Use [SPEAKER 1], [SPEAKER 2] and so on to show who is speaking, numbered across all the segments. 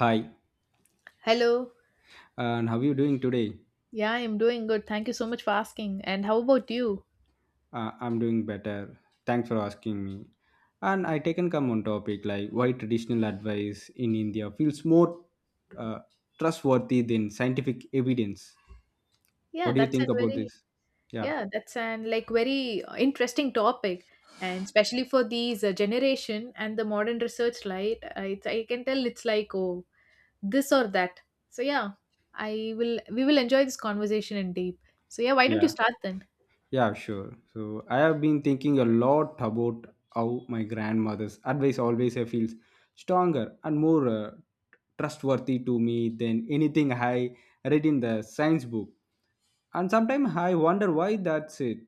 [SPEAKER 1] Hi,
[SPEAKER 2] Hello.
[SPEAKER 1] and how you doing today?
[SPEAKER 2] Yeah, I'm doing good. Thank you so much for asking. And how about you?
[SPEAKER 1] I'm doing better. Thanks for asking me. And I taken come on topic like why traditional advice in India feels more uh, trustworthy than scientific evidence.
[SPEAKER 2] Yeah,
[SPEAKER 1] What do you
[SPEAKER 2] that's a
[SPEAKER 1] think about
[SPEAKER 2] very
[SPEAKER 1] this? Yeah.
[SPEAKER 2] yeah, that's an very interesting topic, and especially for these generation and the modern research light, It's I can tell it's like oh this or that. So yeah, I will we will enjoy this conversation in deep. So yeah, why don't you start then?
[SPEAKER 1] Yeah, sure. So I have been thinking a lot about how my grandmother's advice always feels stronger and more trustworthy to me than anything I read in the science book. And sometimes I wonder why that's it.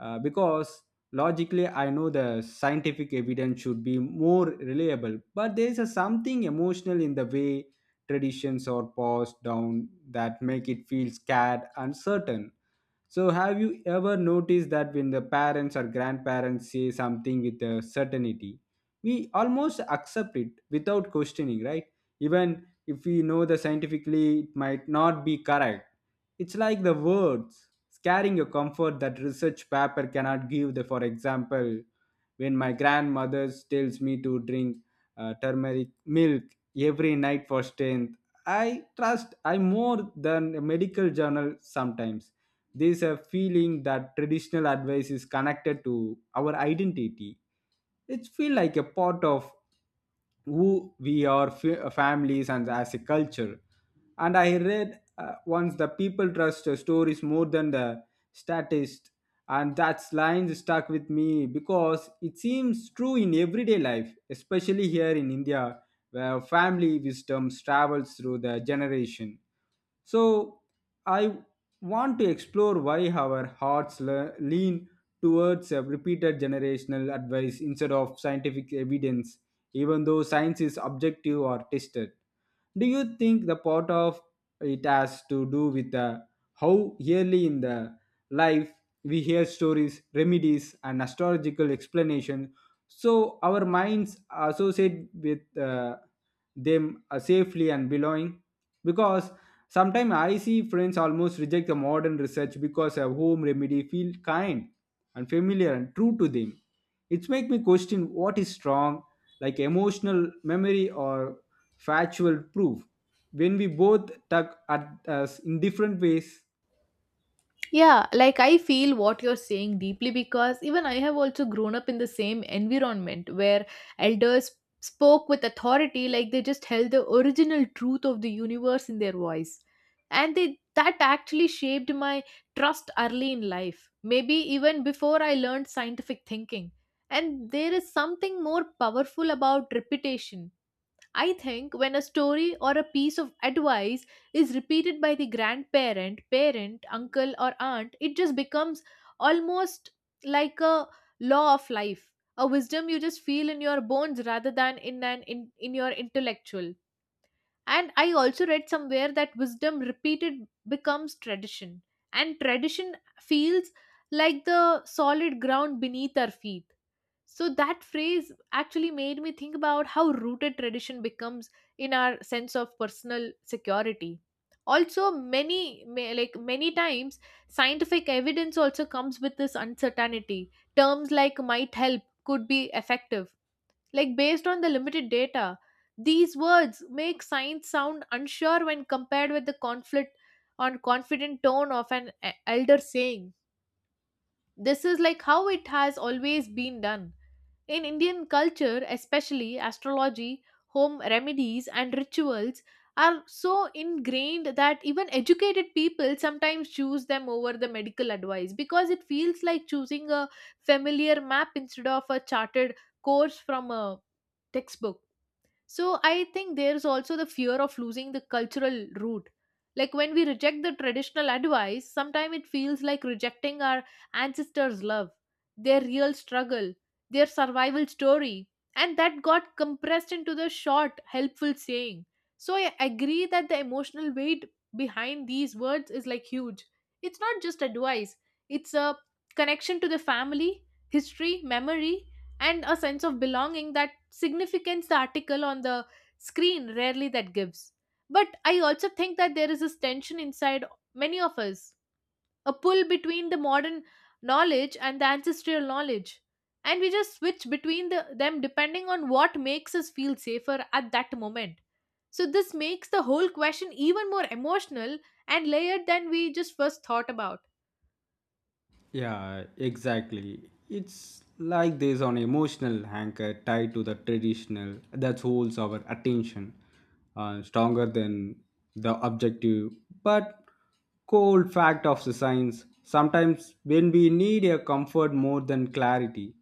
[SPEAKER 1] Because logically, I know the scientific evidence should be more reliable, but there's a something emotional in the way traditions are passed down that make it feel scared and certain. So, have you ever noticed that when the parents or grandparents say something with a certainty, we almost accept it without questioning, right? Even if we know the scientifically it might not be correct. It's like the words scaring a comfort that research paper cannot give. The, for example, when my grandmother tells me to drink turmeric milk every night for strength, I trust I more than a medical journal sometimes. There's a feeling that traditional advice is connected to our identity. It feels like a part of who we are, families and as a culture. And I read once the people trust the stories more than the statist, and that line stuck with me because it seems true in everyday life, especially here in India, where family wisdom travels through the generation. So, I want to explore why our hearts lean towards a repeated generational advice instead of scientific evidence, even though science is objective or tested. Do you think the part of it has to do with how early in the life we hear stories, remedies, and astrological explanation? So our minds associate with them safely and belonging, because sometimes I see friends almost reject the modern research because a home remedy feel kind and familiar and true to them. It make me question what is strong, like emotional memory or factual proof, when we both tug at us in different ways.
[SPEAKER 2] Yeah, like I feel what you're saying deeply because even I have also grown up in the same environment where elders spoke with authority like they just held the original truth of the universe in their voice. And they that actually shaped my trust early in life, maybe even before I learned scientific thinking. And there is something more powerful about repetition. I think when a story or a piece of advice is repeated by the grandparent, parent, uncle, or aunt, it just becomes almost like a law of life, a wisdom you just feel in your bones rather than in your intellectual. And I also read somewhere that wisdom repeated becomes tradition, and tradition feels like the solid ground beneath our feet. So that phrase actually made me think about how rooted tradition becomes in our sense of personal security. Also, many ma- like many times, scientific evidence also comes with this uncertainty. Terms like might help, could be effective. Like based on the limited data, these words make science sound unsure when compared with the conflict on confident tone of an elder saying. This is like how it has always been done in Indian culture, especially astrology, home remedies, and rituals are so ingrained that even educated people sometimes choose them over the medical advice because it feels like choosing a familiar map instead of a charted course from a textbook. So I think there's also the fear of losing the cultural root. Like when we reject the traditional advice, sometimes it feels like rejecting our ancestors' love, their real struggle, their survival story. And that got compressed into the short, helpful saying. So I agree that the emotional weight behind these words is like huge. It's not just advice, it's a connection to the family, history, memory, and a sense of belonging that significance the article on the screen rarely that gives. But I also think that there is this tension inside many of us, a pull between the modern knowledge and the ancestral knowledge, and we just switch between them depending on what makes us feel safer at that moment. So this makes the whole question even more emotional and layered than we just first thought about.
[SPEAKER 1] Yeah, exactly. It's like there's an emotional anchor tied to the traditional that holds our attention, stronger than the objective but cold fact of the science. Sometimes when we need a comfort more than clarity,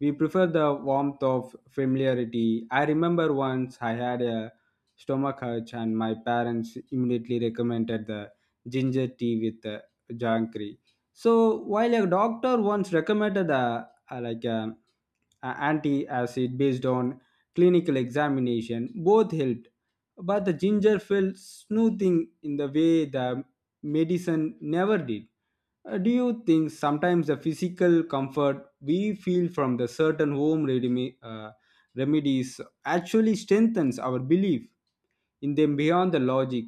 [SPEAKER 1] we prefer the warmth of familiarity. I remember once I had a stomach urge and my parents immediately recommended the ginger tea with the jangkry. So while a doctor once recommended a like a anti-acid based on clinical examination, both helped. But the ginger felt soothing in the way the medicine never did. Do you think sometimes the physical comfort we feel from the certain remedies actually strengthens our belief in them beyond the logic,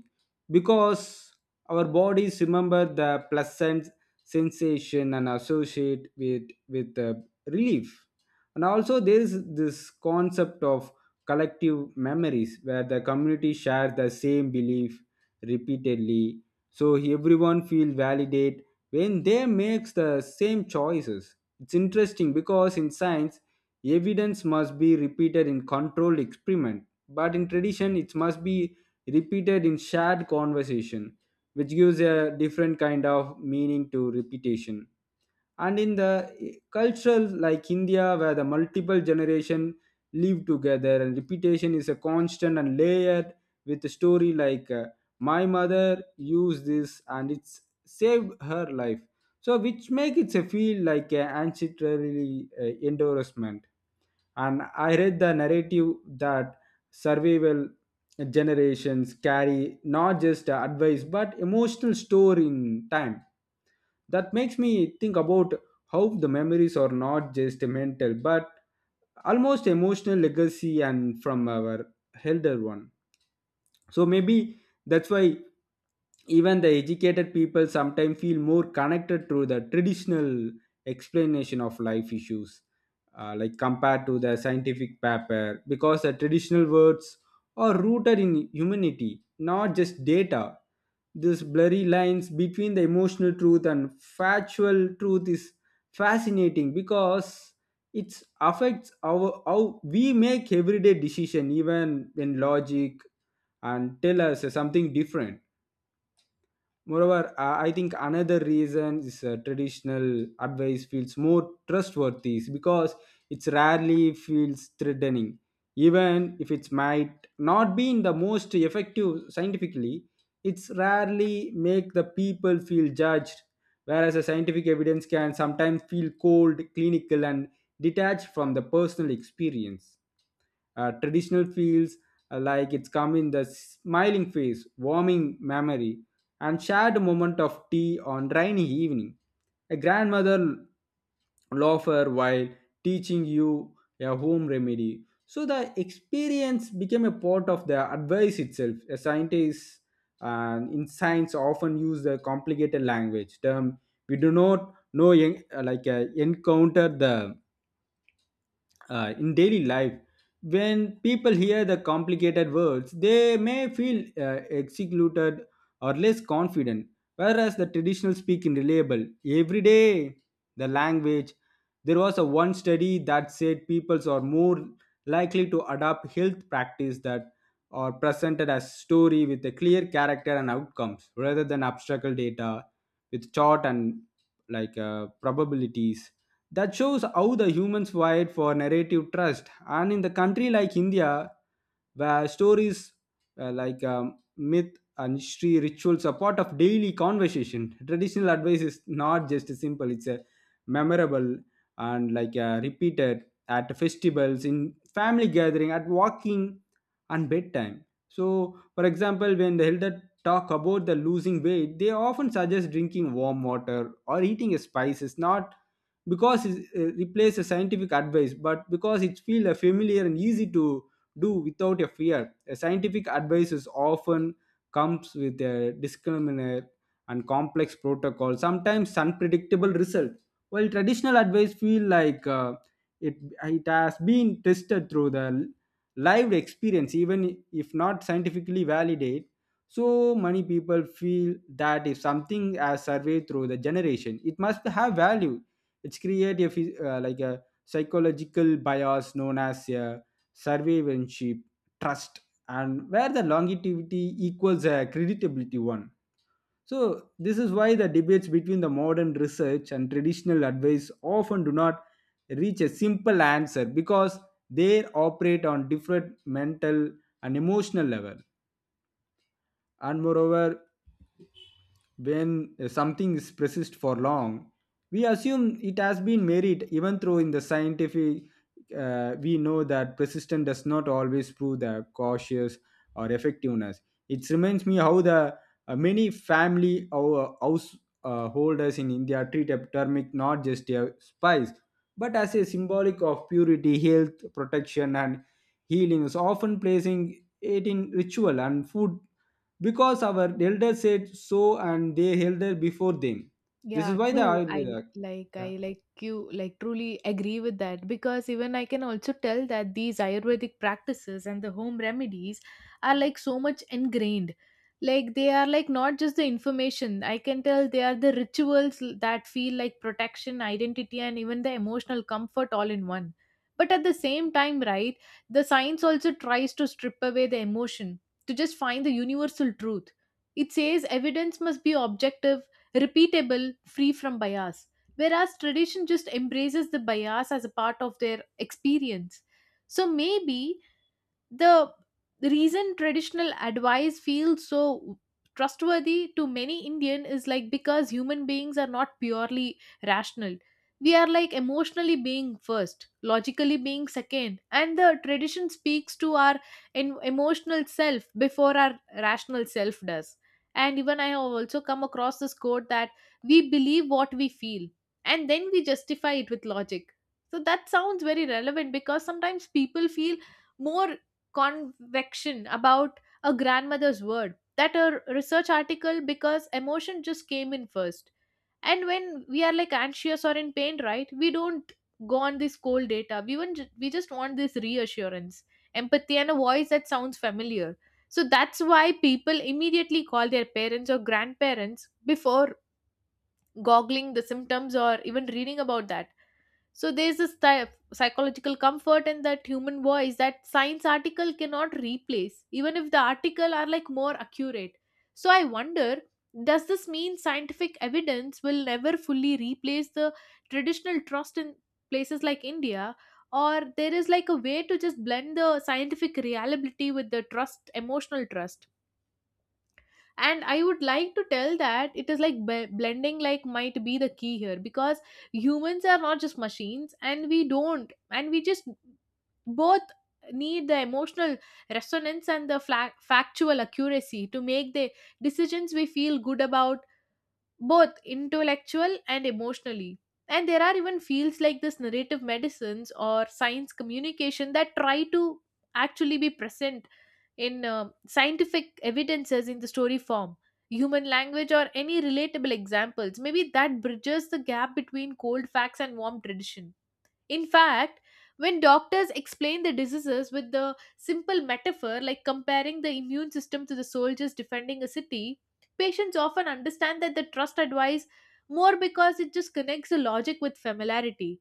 [SPEAKER 1] because our bodies remember the pleasant sensation and associate with the relief? And also there is this concept of collective memories where the community shares the same belief repeatedly, so everyone feel validate when they makes the same choices. It's interesting because in science, evidence must be repeated in controlled experiment, but in tradition, it must be repeated in shared conversation, which gives a different kind of meaning to repetition. And in the cultural like India, where the multiple generation live together and repetition is a constant and layered with a story like my mother used this and it's saved her life, so which make it a feel like an ancestrally endorsement. And I read the narrative that survival generations carry not just advice but emotional store in time. That makes me think about how the memories are not just mental but almost emotional legacy and from our elder one. So maybe that's why even the educated people sometimes feel more connected to the traditional explanation of life issues, like compared to the scientific paper, because the traditional words are rooted in humanity not just data. This blurry lines between the emotional truth and factual truth is fascinating because it affects our how we make everyday decision even in logic and tell us something different. Moreover, I think another reason is traditional advice feels more trustworthy is because it rarely feels threatening, even if it might not be in the most effective scientifically. It's rarely make the people feel judged, whereas the scientific evidence can sometimes feel cold, clinical, and detached from the personal experience. Traditional feels like it's come in the smiling face, warming memory, and shared moment of tea on rainy evening. A grandmother loafer while teaching you a home remedy. So the experience became a part of the advice itself. A scientist and in science often use the complicated language term. We do not know encounter the in daily life. When people hear the complicated words they may feel excluded or less confident, whereas the traditional speaking reliable every day the language. There was a one study that said peoples are more likely to adopt health practice that are presented as story with a clear character and outcomes rather than abstract data with chart and like probabilities, that shows how the humans fight for narrative trust. And in the country like India, where stories myth and history rituals are part of daily conversation, traditional advice is not just simple, it's a memorable and repeated at festivals, in family gathering, at walking and bedtime. So, for example, when the elder talk about the losing weight, they often suggest drinking warm water or eating spices, not because it replaces scientific advice, but because it feels familiar and easy to do without a fear. A scientific advice is often comes with a disclaimer and complex protocol, sometimes unpredictable result. While traditional advice feel like it it has been tested through the lived experience, even if not scientifically validated. So many people feel that if something has surveyed through the generation, it must have value. It's create a a psychological bias known as a survivorship trust, and where the longevity equals a creditability one. So this is why the debates between the modern research and traditional advice often do not reach a simple answer, because they operate on different mental and emotional level. And moreover, when something is persist for long, we assume it has been merit, even though in the scientific we know that persistence does not always prove the cautious or effectiveness. It reminds me how the many family or house holders in India treat a turmeric not just a spice, but as a symbolic of purity, health, protection, and healing. So often placing it in ritual and food because our elders said so and they held it before them. This is
[SPEAKER 2] Yeah,
[SPEAKER 1] why the
[SPEAKER 2] true.
[SPEAKER 1] ayurveda. Yeah.
[SPEAKER 2] I like you like truly agree with that because even I can also tell that these Ayurvedic practices and the home remedies are like so much ingrained. Like they are like not just the information. I can tell they are the that feel like protection, identity, and even the emotional comfort all in one. But at the same time, right, the science also tries to strip away the emotion to just find the universal truth. It says evidence must be objective, repeatable, free from bias. Whereas tradition just embraces the bias as a part of their experience. So maybe the reason traditional advice feels so trustworthy to many indian is like because human beings are not purely rational. We are like emotionally being first, logically being second, and the tradition speaks to our emotional self before our rational self does. And even I have also come across this quote that we believe what we feel and then we justify it with logic. So that sounds very relevant because sometimes people feel more convection about a grandmother's word that a research article because emotion just came in first. And when we are like anxious or in pain, right, we don't go on this cold data. We want we just want this reassurance, empathy, and a voice that sounds familiar. So that's why people immediately call their parents or grandparents before googling the symptoms or even reading about that. So there's this type psychological comfort in that human voice that science article cannot replace, even if the article are like more accurate. So I wonder, does this mean scientific evidence will never fully replace the traditional trust in places like India? Or there is like a way to just blend the scientific reliability with the trust, emotional trust? And I would like to tell that it is like blending like might be the key here because humans are not just machines, and we don't and we just both need the emotional resonance and the factual accuracy to make the decisions we feel good about, both intellectual and emotionally. And there are even fields like this narrative medicines or science communication that try to actually be present in scientific evidences in the story form, human language, or any relatable examples, maybe that bridges the gap between cold facts and warm tradition. In fact, when doctors explain the diseases with the simple metaphor like comparing the immune system to the soldiers defending a city, patients often understand that the trust advice more because it just connects the logic with familiarity.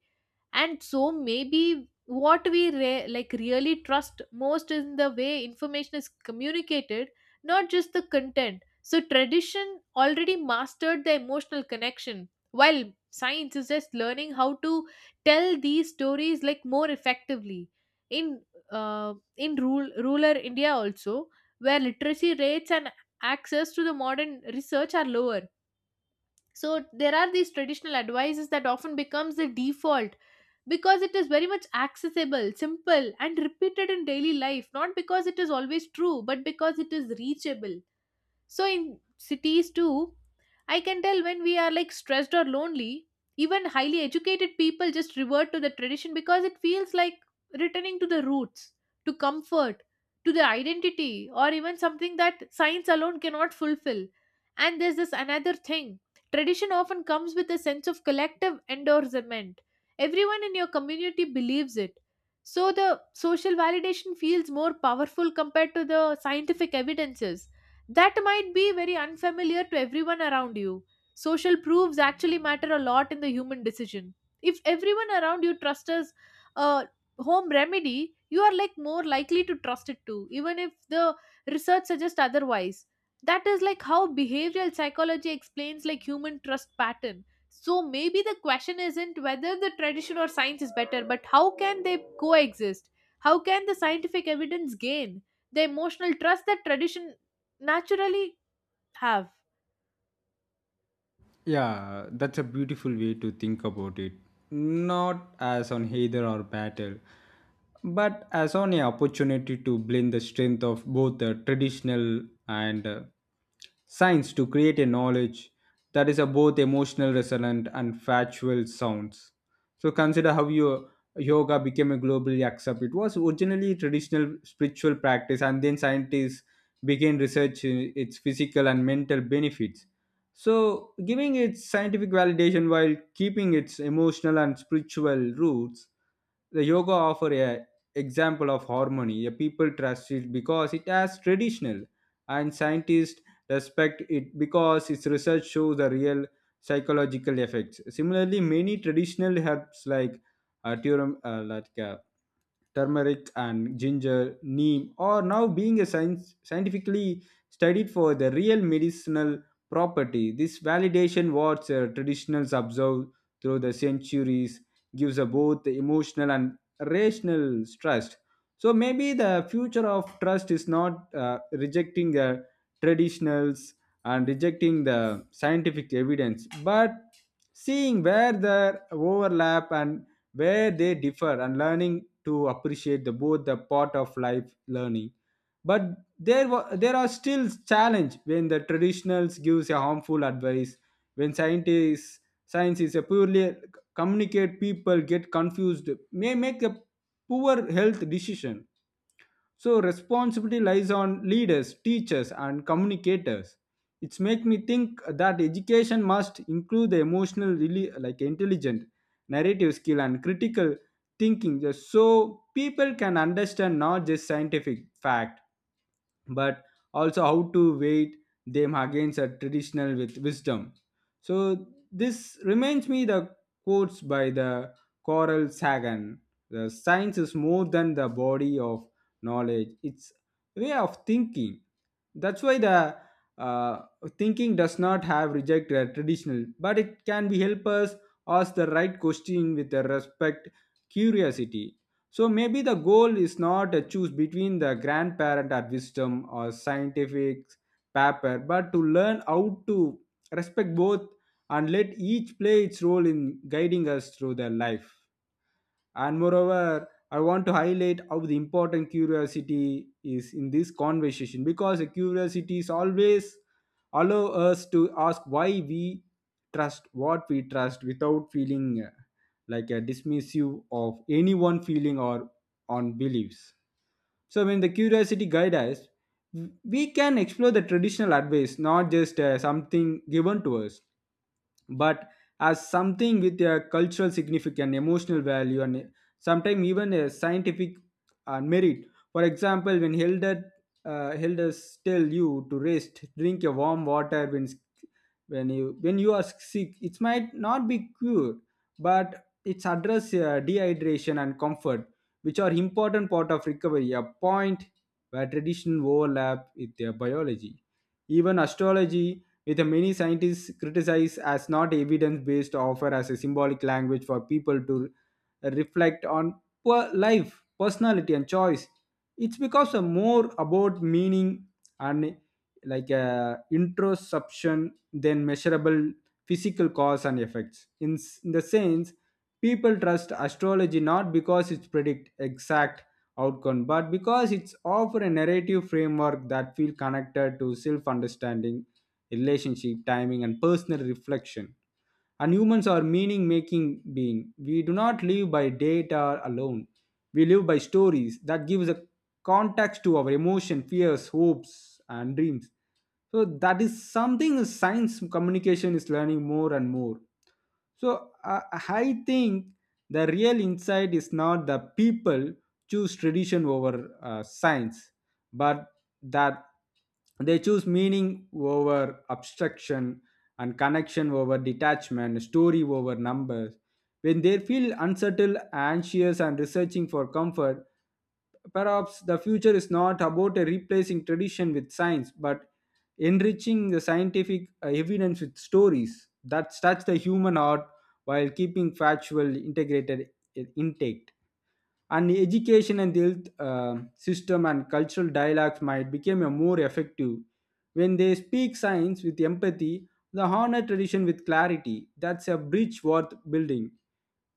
[SPEAKER 2] And so maybe what we really trust most is in the way information is communicated, not just the content. So tradition already mastered the emotional connection while science is just learning how to tell these stories like more effectively in rural india also, where literacy rates and access to the modern research are lower. So there are these traditional advices that often becomes the default because it is very much accessible, simple, and repeated in daily life, not because it is always true but because it is reachable. So in cities too, I can tell when we are like stressed or lonely, even highly educated people just revert to the tradition because it feels like returning to the roots, to comfort, to the identity, or even something that science alone cannot fulfill. And there's this another thing, tradition often comes with a sense of collective endorsement. Everyone in your community believes it. So the social validation feels more powerful compared to the scientific evidences that might be very unfamiliar to everyone around you. Social proofs actually matter a lot in the human decision. If everyone around you trusts as a home remedy, you are like more likely to trust it too, even if the research suggests otherwise. That is like how behavioral psychology explains like human trust pattern. So maybe the question isn't whether the tradition or science is better, but how can they coexist? How can the scientific evidence gain the emotional trust that tradition naturally have?
[SPEAKER 1] Yeah, that's a beautiful way to think about it. Not as on either or battle, but as on an opportunity to blend the strength of both the traditional and science to create a knowledge that is a both emotional resonant and factual sounds. So consider how your yoga became a globally accepted. It was originally a traditional spiritual practice, and then scientists began researching its physical and mental benefits, so, giving its scientific validation while keeping its emotional and spiritual roots, the yoga offer a example of harmony. A people trust it because it has traditional and scientists respect it because its research shows the real psychological effects. Similarly many traditional herbs like uh, turum, uh, like uh, turmeric and ginger neem are now being scientifically studied for the real medicinal property. This validation what traditionals observe through the centuries gives a both emotional and rational trust. So maybe the future of trust is not rejecting the traditionals and rejecting the scientific evidence, but seeing where the overlap and where they differ and learning to appreciate the both the part of life learning. But there are still challenge when the traditionals gives a harmful advice. When scientists science is a purely communicate, people get confused may make a poor health decision. So responsibility lies on leaders teachers and communicators. It's make me think that education must include the emotional really like intelligent narrative skill and critical thinking, just so people can understand not just scientific fact, but also how to weight them against a traditional with wisdom. So this reminds me the quotes by the Coral Sagan. The science is more than the body of knowledge; it's way of thinking. That's why the uh, thinking does not have reject a traditional, but it can be help us ask the right question with the respect, curiosity. So maybe the goal is not to choose between the grandparent or wisdom or scientific paper, but to learn how to respect both and let each play its role in guiding us through their life. And moreover, I want to highlight how the important curiosity is in this conversation because a curiosity is always allow us to ask why we trust what we trust without feeling like a dismissive of any one feeling or on beliefs. So when the curiosity guide us, we can explore the traditional advice, not just something given to us but as something with a cultural significance, emotional value, and sometimes even a scientific merit. For example, when elders tell you to rest, drink a warm water when you are sick, it might not be cured, but it's address dehydration and comfort, which are important part of recovery. A point where tradition overlap with their biology, even astrology with a many scientists criticized as not evidence-based offer as a symbolic language for people to reflect on life, personality, and choice. It's because a more about meaning and like a introspection than measurable physical cause and effects in the sense people trust astrology not because it predict exact outcome but because it's offer a narrative framework that feel connected to self understanding, relationship timing and personal reflection. And humans are meaning making being. We do not live by data alone. We live by stories that gives a context to our emotion, fears, hopes and dreams. So that is something science communication is learning more and more. So I think the real insight is not the people choose tradition over science, but that they choose meaning over abstraction and connection over detachment, story over numbers. When they feel unsettled, anxious, and researching for comfort, perhaps the future is not about replacing tradition with science, but enriching the scientific evidence with stories that touch the human heart while keeping factual integrated intact. And the education and the health system and cultural dialogues might become a more effective when they speak science with empathy, the honor tradition with clarity. That's a bridge worth building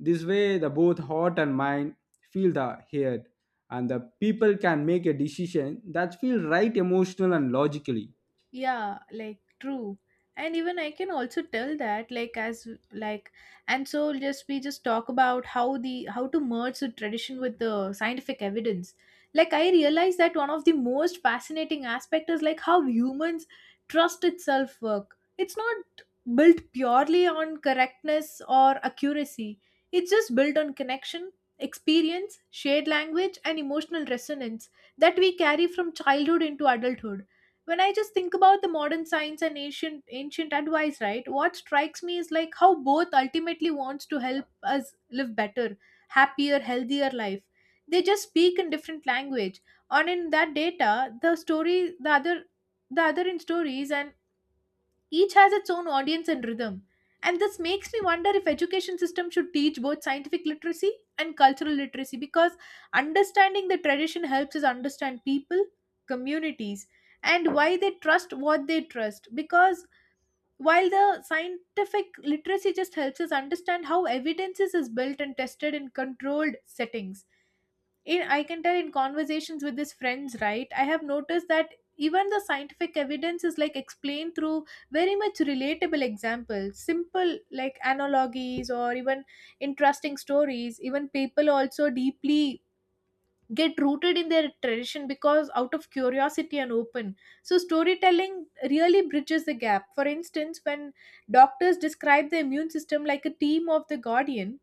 [SPEAKER 1] this way, the both heart and mind feel the head, and the people can make a decision that feel right emotional and logically.
[SPEAKER 2] Yeah, like true. And even I can also tell that like as like and so just we just talk about how the how to merge the tradition with the scientific evidence. Like I realize that one of the most fascinating aspect is like how humans trust itself work. It's not built purely on correctness or accuracy, it's just built on connection, experience, shared language, and emotional resonance that we carry from childhood into adulthood. When I just think about the modern science and ancient advice, right, what strikes me is like how both ultimately wants to help us live better, happier, healthier life. They just speak in different language, and in that data, the story the other the other in stories, and each has its own audience and rhythm, and this makes me wonder if education system should teach both scientific literacy and cultural literacy, because understanding the tradition helps us understand people, communities, and why they trust what they trust, because while the scientific literacy just helps us understand how evidences is built and tested in controlled settings. In I can tell in conversations with these friends, right, I have noticed that even the scientific evidence is like explained through very much relatable examples, simple like analogies, or even interesting stories, even people also deeply get rooted in their tradition because out of curiosity and open. So storytelling really bridges the gap. For instance, when doctors describe the immune system like a team of the guardian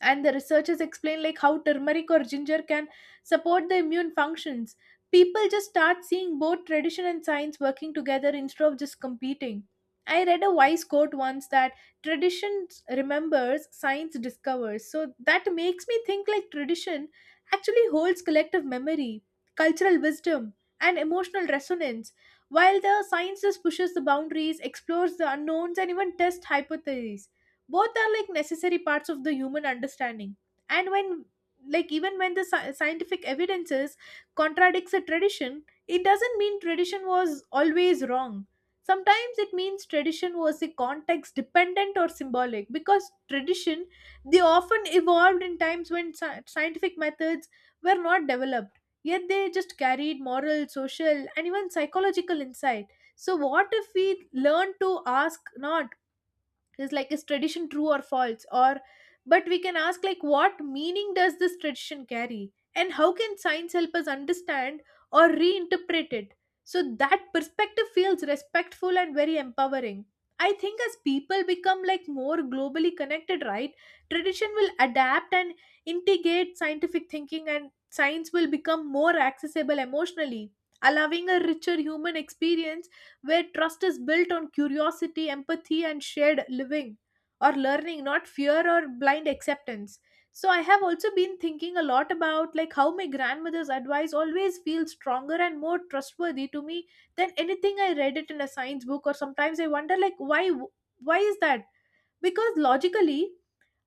[SPEAKER 2] and the researchers explain like how turmeric or ginger can support the immune functions, people just start seeing both tradition and science working together instead of just competing. I read a wise quote once that tradition remembers, science discovers. So that makes me think like tradition actually holds collective memory, cultural wisdom, and emotional resonance, while the science just pushes the boundaries, explores the unknowns, and even tests hypotheses. Both are like necessary parts of the human understanding. And when like Even when the scientific evidences contradicts a tradition, it doesn't mean tradition was always wrong. Sometimes it means tradition was a context dependent or symbolic, because tradition they often evolved in times when scientific methods were not Developed yet, they just carried moral, social, and even psychological insight. So what if we learn to ask not, is tradition true or false, or but we can ask like what meaning does this tradition carry and how can science help us understand or reinterpret it? So that perspective feels respectful and very empowering. I think as people become like more globally connected, right, tradition will adapt and integrate scientific thinking, and science will become more accessible emotionally, allowing a richer human experience where trust is built on curiosity, empathy, and shared living or learning, not fear or blind acceptance. So I have also been thinking a lot about like how my grandmother's advice always feels stronger and more trustworthy to me than anything I read it in a science book. Or sometimes I wonder like why is that? Because logically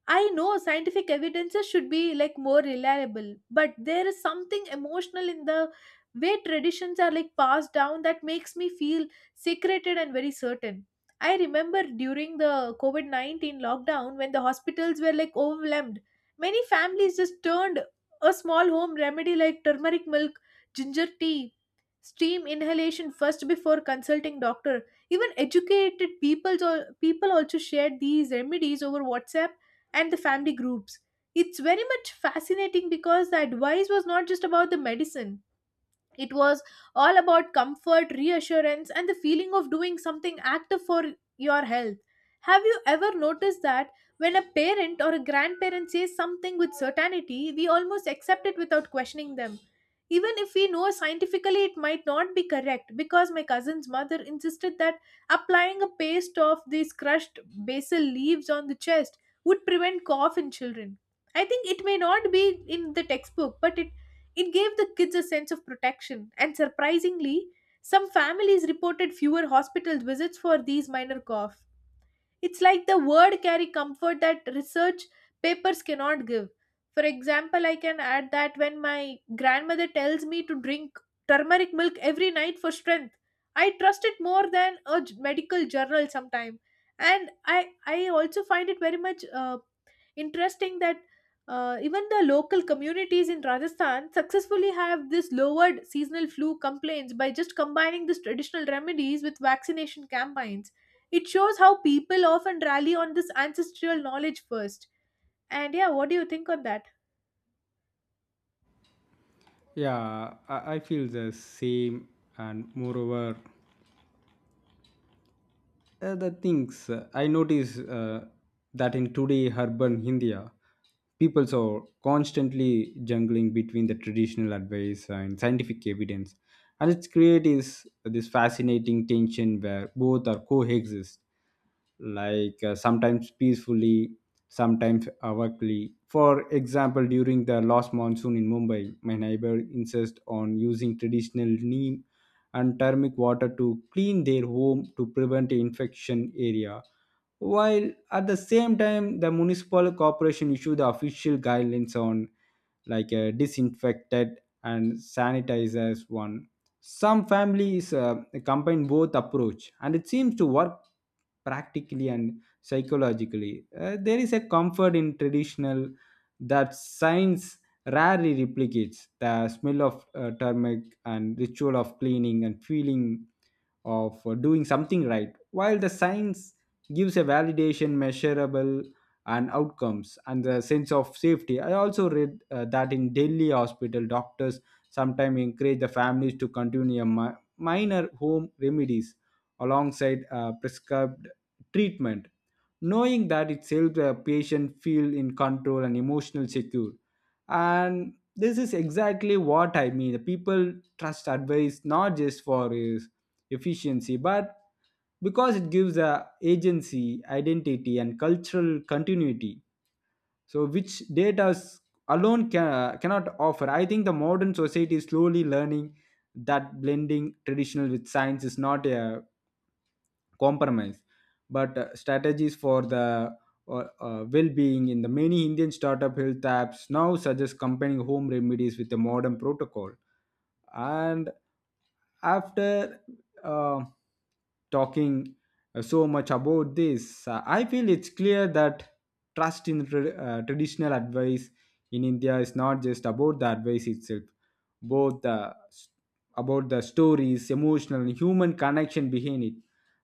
[SPEAKER 2] I know scientific evidences should be like more reliable, but there is something emotional in the way traditions are like passed down that makes me feel secreted and very certain. I remember during the COVID COVID-19 lockdown when the hospitals were like overwhelmed, many families just turned a small home remedy like turmeric milk, ginger tea, steam inhalation first before consulting doctor. Even educated people, people also shared these remedies over WhatsApp and the family groups. It's very much fascinating because the advice was not just about the medicine, it was all about comfort, reassurance, and the feeling of doing something active for your health. Have you ever noticed that when a parent or a grandparent says something with certainty, we almost accept it without questioning them? Even if we know scientifically it might not be correct, because my cousin's mother insisted that applying a paste of these crushed basil leaves on the chest would prevent cough in children. I think it may not be in the textbook, but it gave the kids a sense of protection, and surprisingly, some families reported fewer hospital visits for these minor coughs. It's like the word carry comfort that research papers cannot give. For example, I can add that when my grandmother tells me to drink turmeric milk every night for strength, I trust it more than a medical journal sometime. And I also find it very much interesting that even the local communities in Rajasthan successfully have this lowered seasonal flu complaints by just combining these traditional remedies with vaccination campaigns. It shows how people often rally on this ancestral knowledge first. And yeah, what do you think on that?
[SPEAKER 1] Yeah, I feel the same, and moreover, the things I notice that in today urban India, people are constantly jungling between the traditional advice and scientific evidence, and its create is this fascinating tension where both are coexist, like sometimes peacefully, sometimes awkwardly. For example, during the last monsoon in Mumbai, my neighbor insists on using traditional neem and thermic water to clean their home to prevent infection area, while at the same time the municipal corporation issue the official guidelines on like a disinfected and sanitizers one. Some families combine both approach and it seems to work practically and psychologically. There is a comfort in traditional that science rarely replicates, the smell of turmeric and ritual of cleaning and feeling of doing something right, while the science gives a validation measurable and outcomes and the sense of safety. I also read that in Delhi hospital doctors sometimes encourage the families to continue a minor home remedies alongside prescribed treatment, knowing that it helps the patient feel in control and emotional secure. And this is exactly what I mean, the people trust advice not just for efficiency, but because it gives a agency, identity, and cultural continuity. So, which alone can, cannot offer. I think the modern society is slowly learning that blending traditional with science is not a compromise but strategies for the well-being in the many Indian startup health apps now suggest combining home remedies with a modern protocol. And after uh, talking uh, so much about this, I feel it's clear that trust in traditional advice in India is not just about the advice itself, both the about the stories emotional and human connection behind it.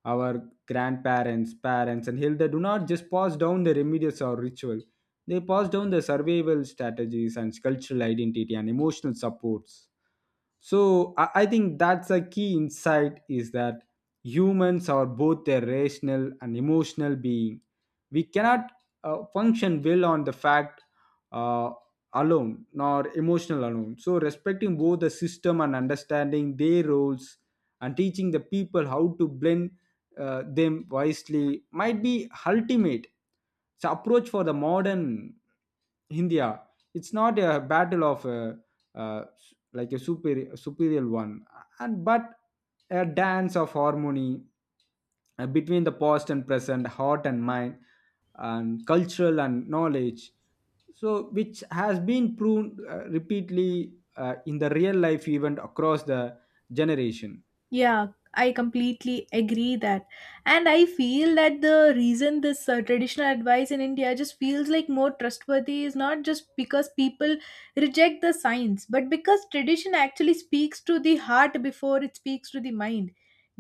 [SPEAKER 1] Our grandparents, parents, and health, they do not just pass down the remedies or ritual. They pass down the survival strategies and cultural identity and emotional supports. So I think that's a key insight is that humans are both a rational and emotional being. We cannot function well on the fact uh, alone nor emotional alone. So respecting both the system and understanding their roles and teaching the people how to blend them wisely might be ultimate so approach for the modern India. It's not a battle of uh, like a superior one and but a dance of harmony between the past and present, heart and mind, and cultural and knowledge, so which has been proven repeatedly in the real life event across the generation.
[SPEAKER 2] Yeah, I completely agree that. And I feel that the reason this traditional advice in India just feels like more trustworthy is not just because people reject the science, but because tradition actually speaks to the heart before it speaks to the mind.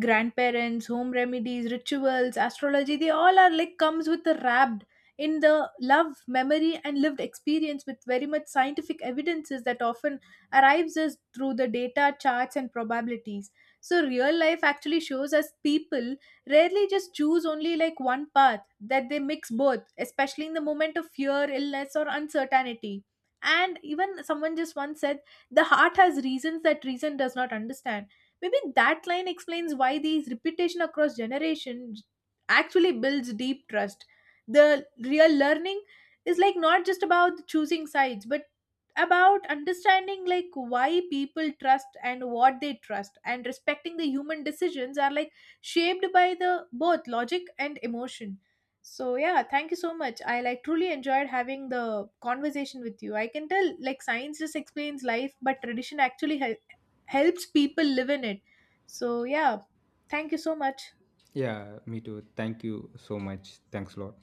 [SPEAKER 2] Grandparents, home remedies, rituals, astrology, they all are like comes with the wrapped in the love, memory, and lived experience, with very much scientific evidences that often arrives us through the data, charts, and probabilities. So real life actually shows us people rarely just choose only like one path, that they mix both, especially in the moment of fear, illness, or uncertainty. And even someone just once said, the heart has reasons that reason does not understand. Maybe that line explains why these repetition across generations actually builds deep trust. The real learning is like not just about choosing sides, but about understanding like why people trust and what they trust, and respecting the human decisions are like shaped by the both logic and emotion. So yeah, thank you so much. I like truly enjoyed having the conversation with you. I can tell like science just explains life, but tradition actually helps people live in it. So yeah, thank you so much.
[SPEAKER 1] Yeah, me too, thank you so much, thanks a lot.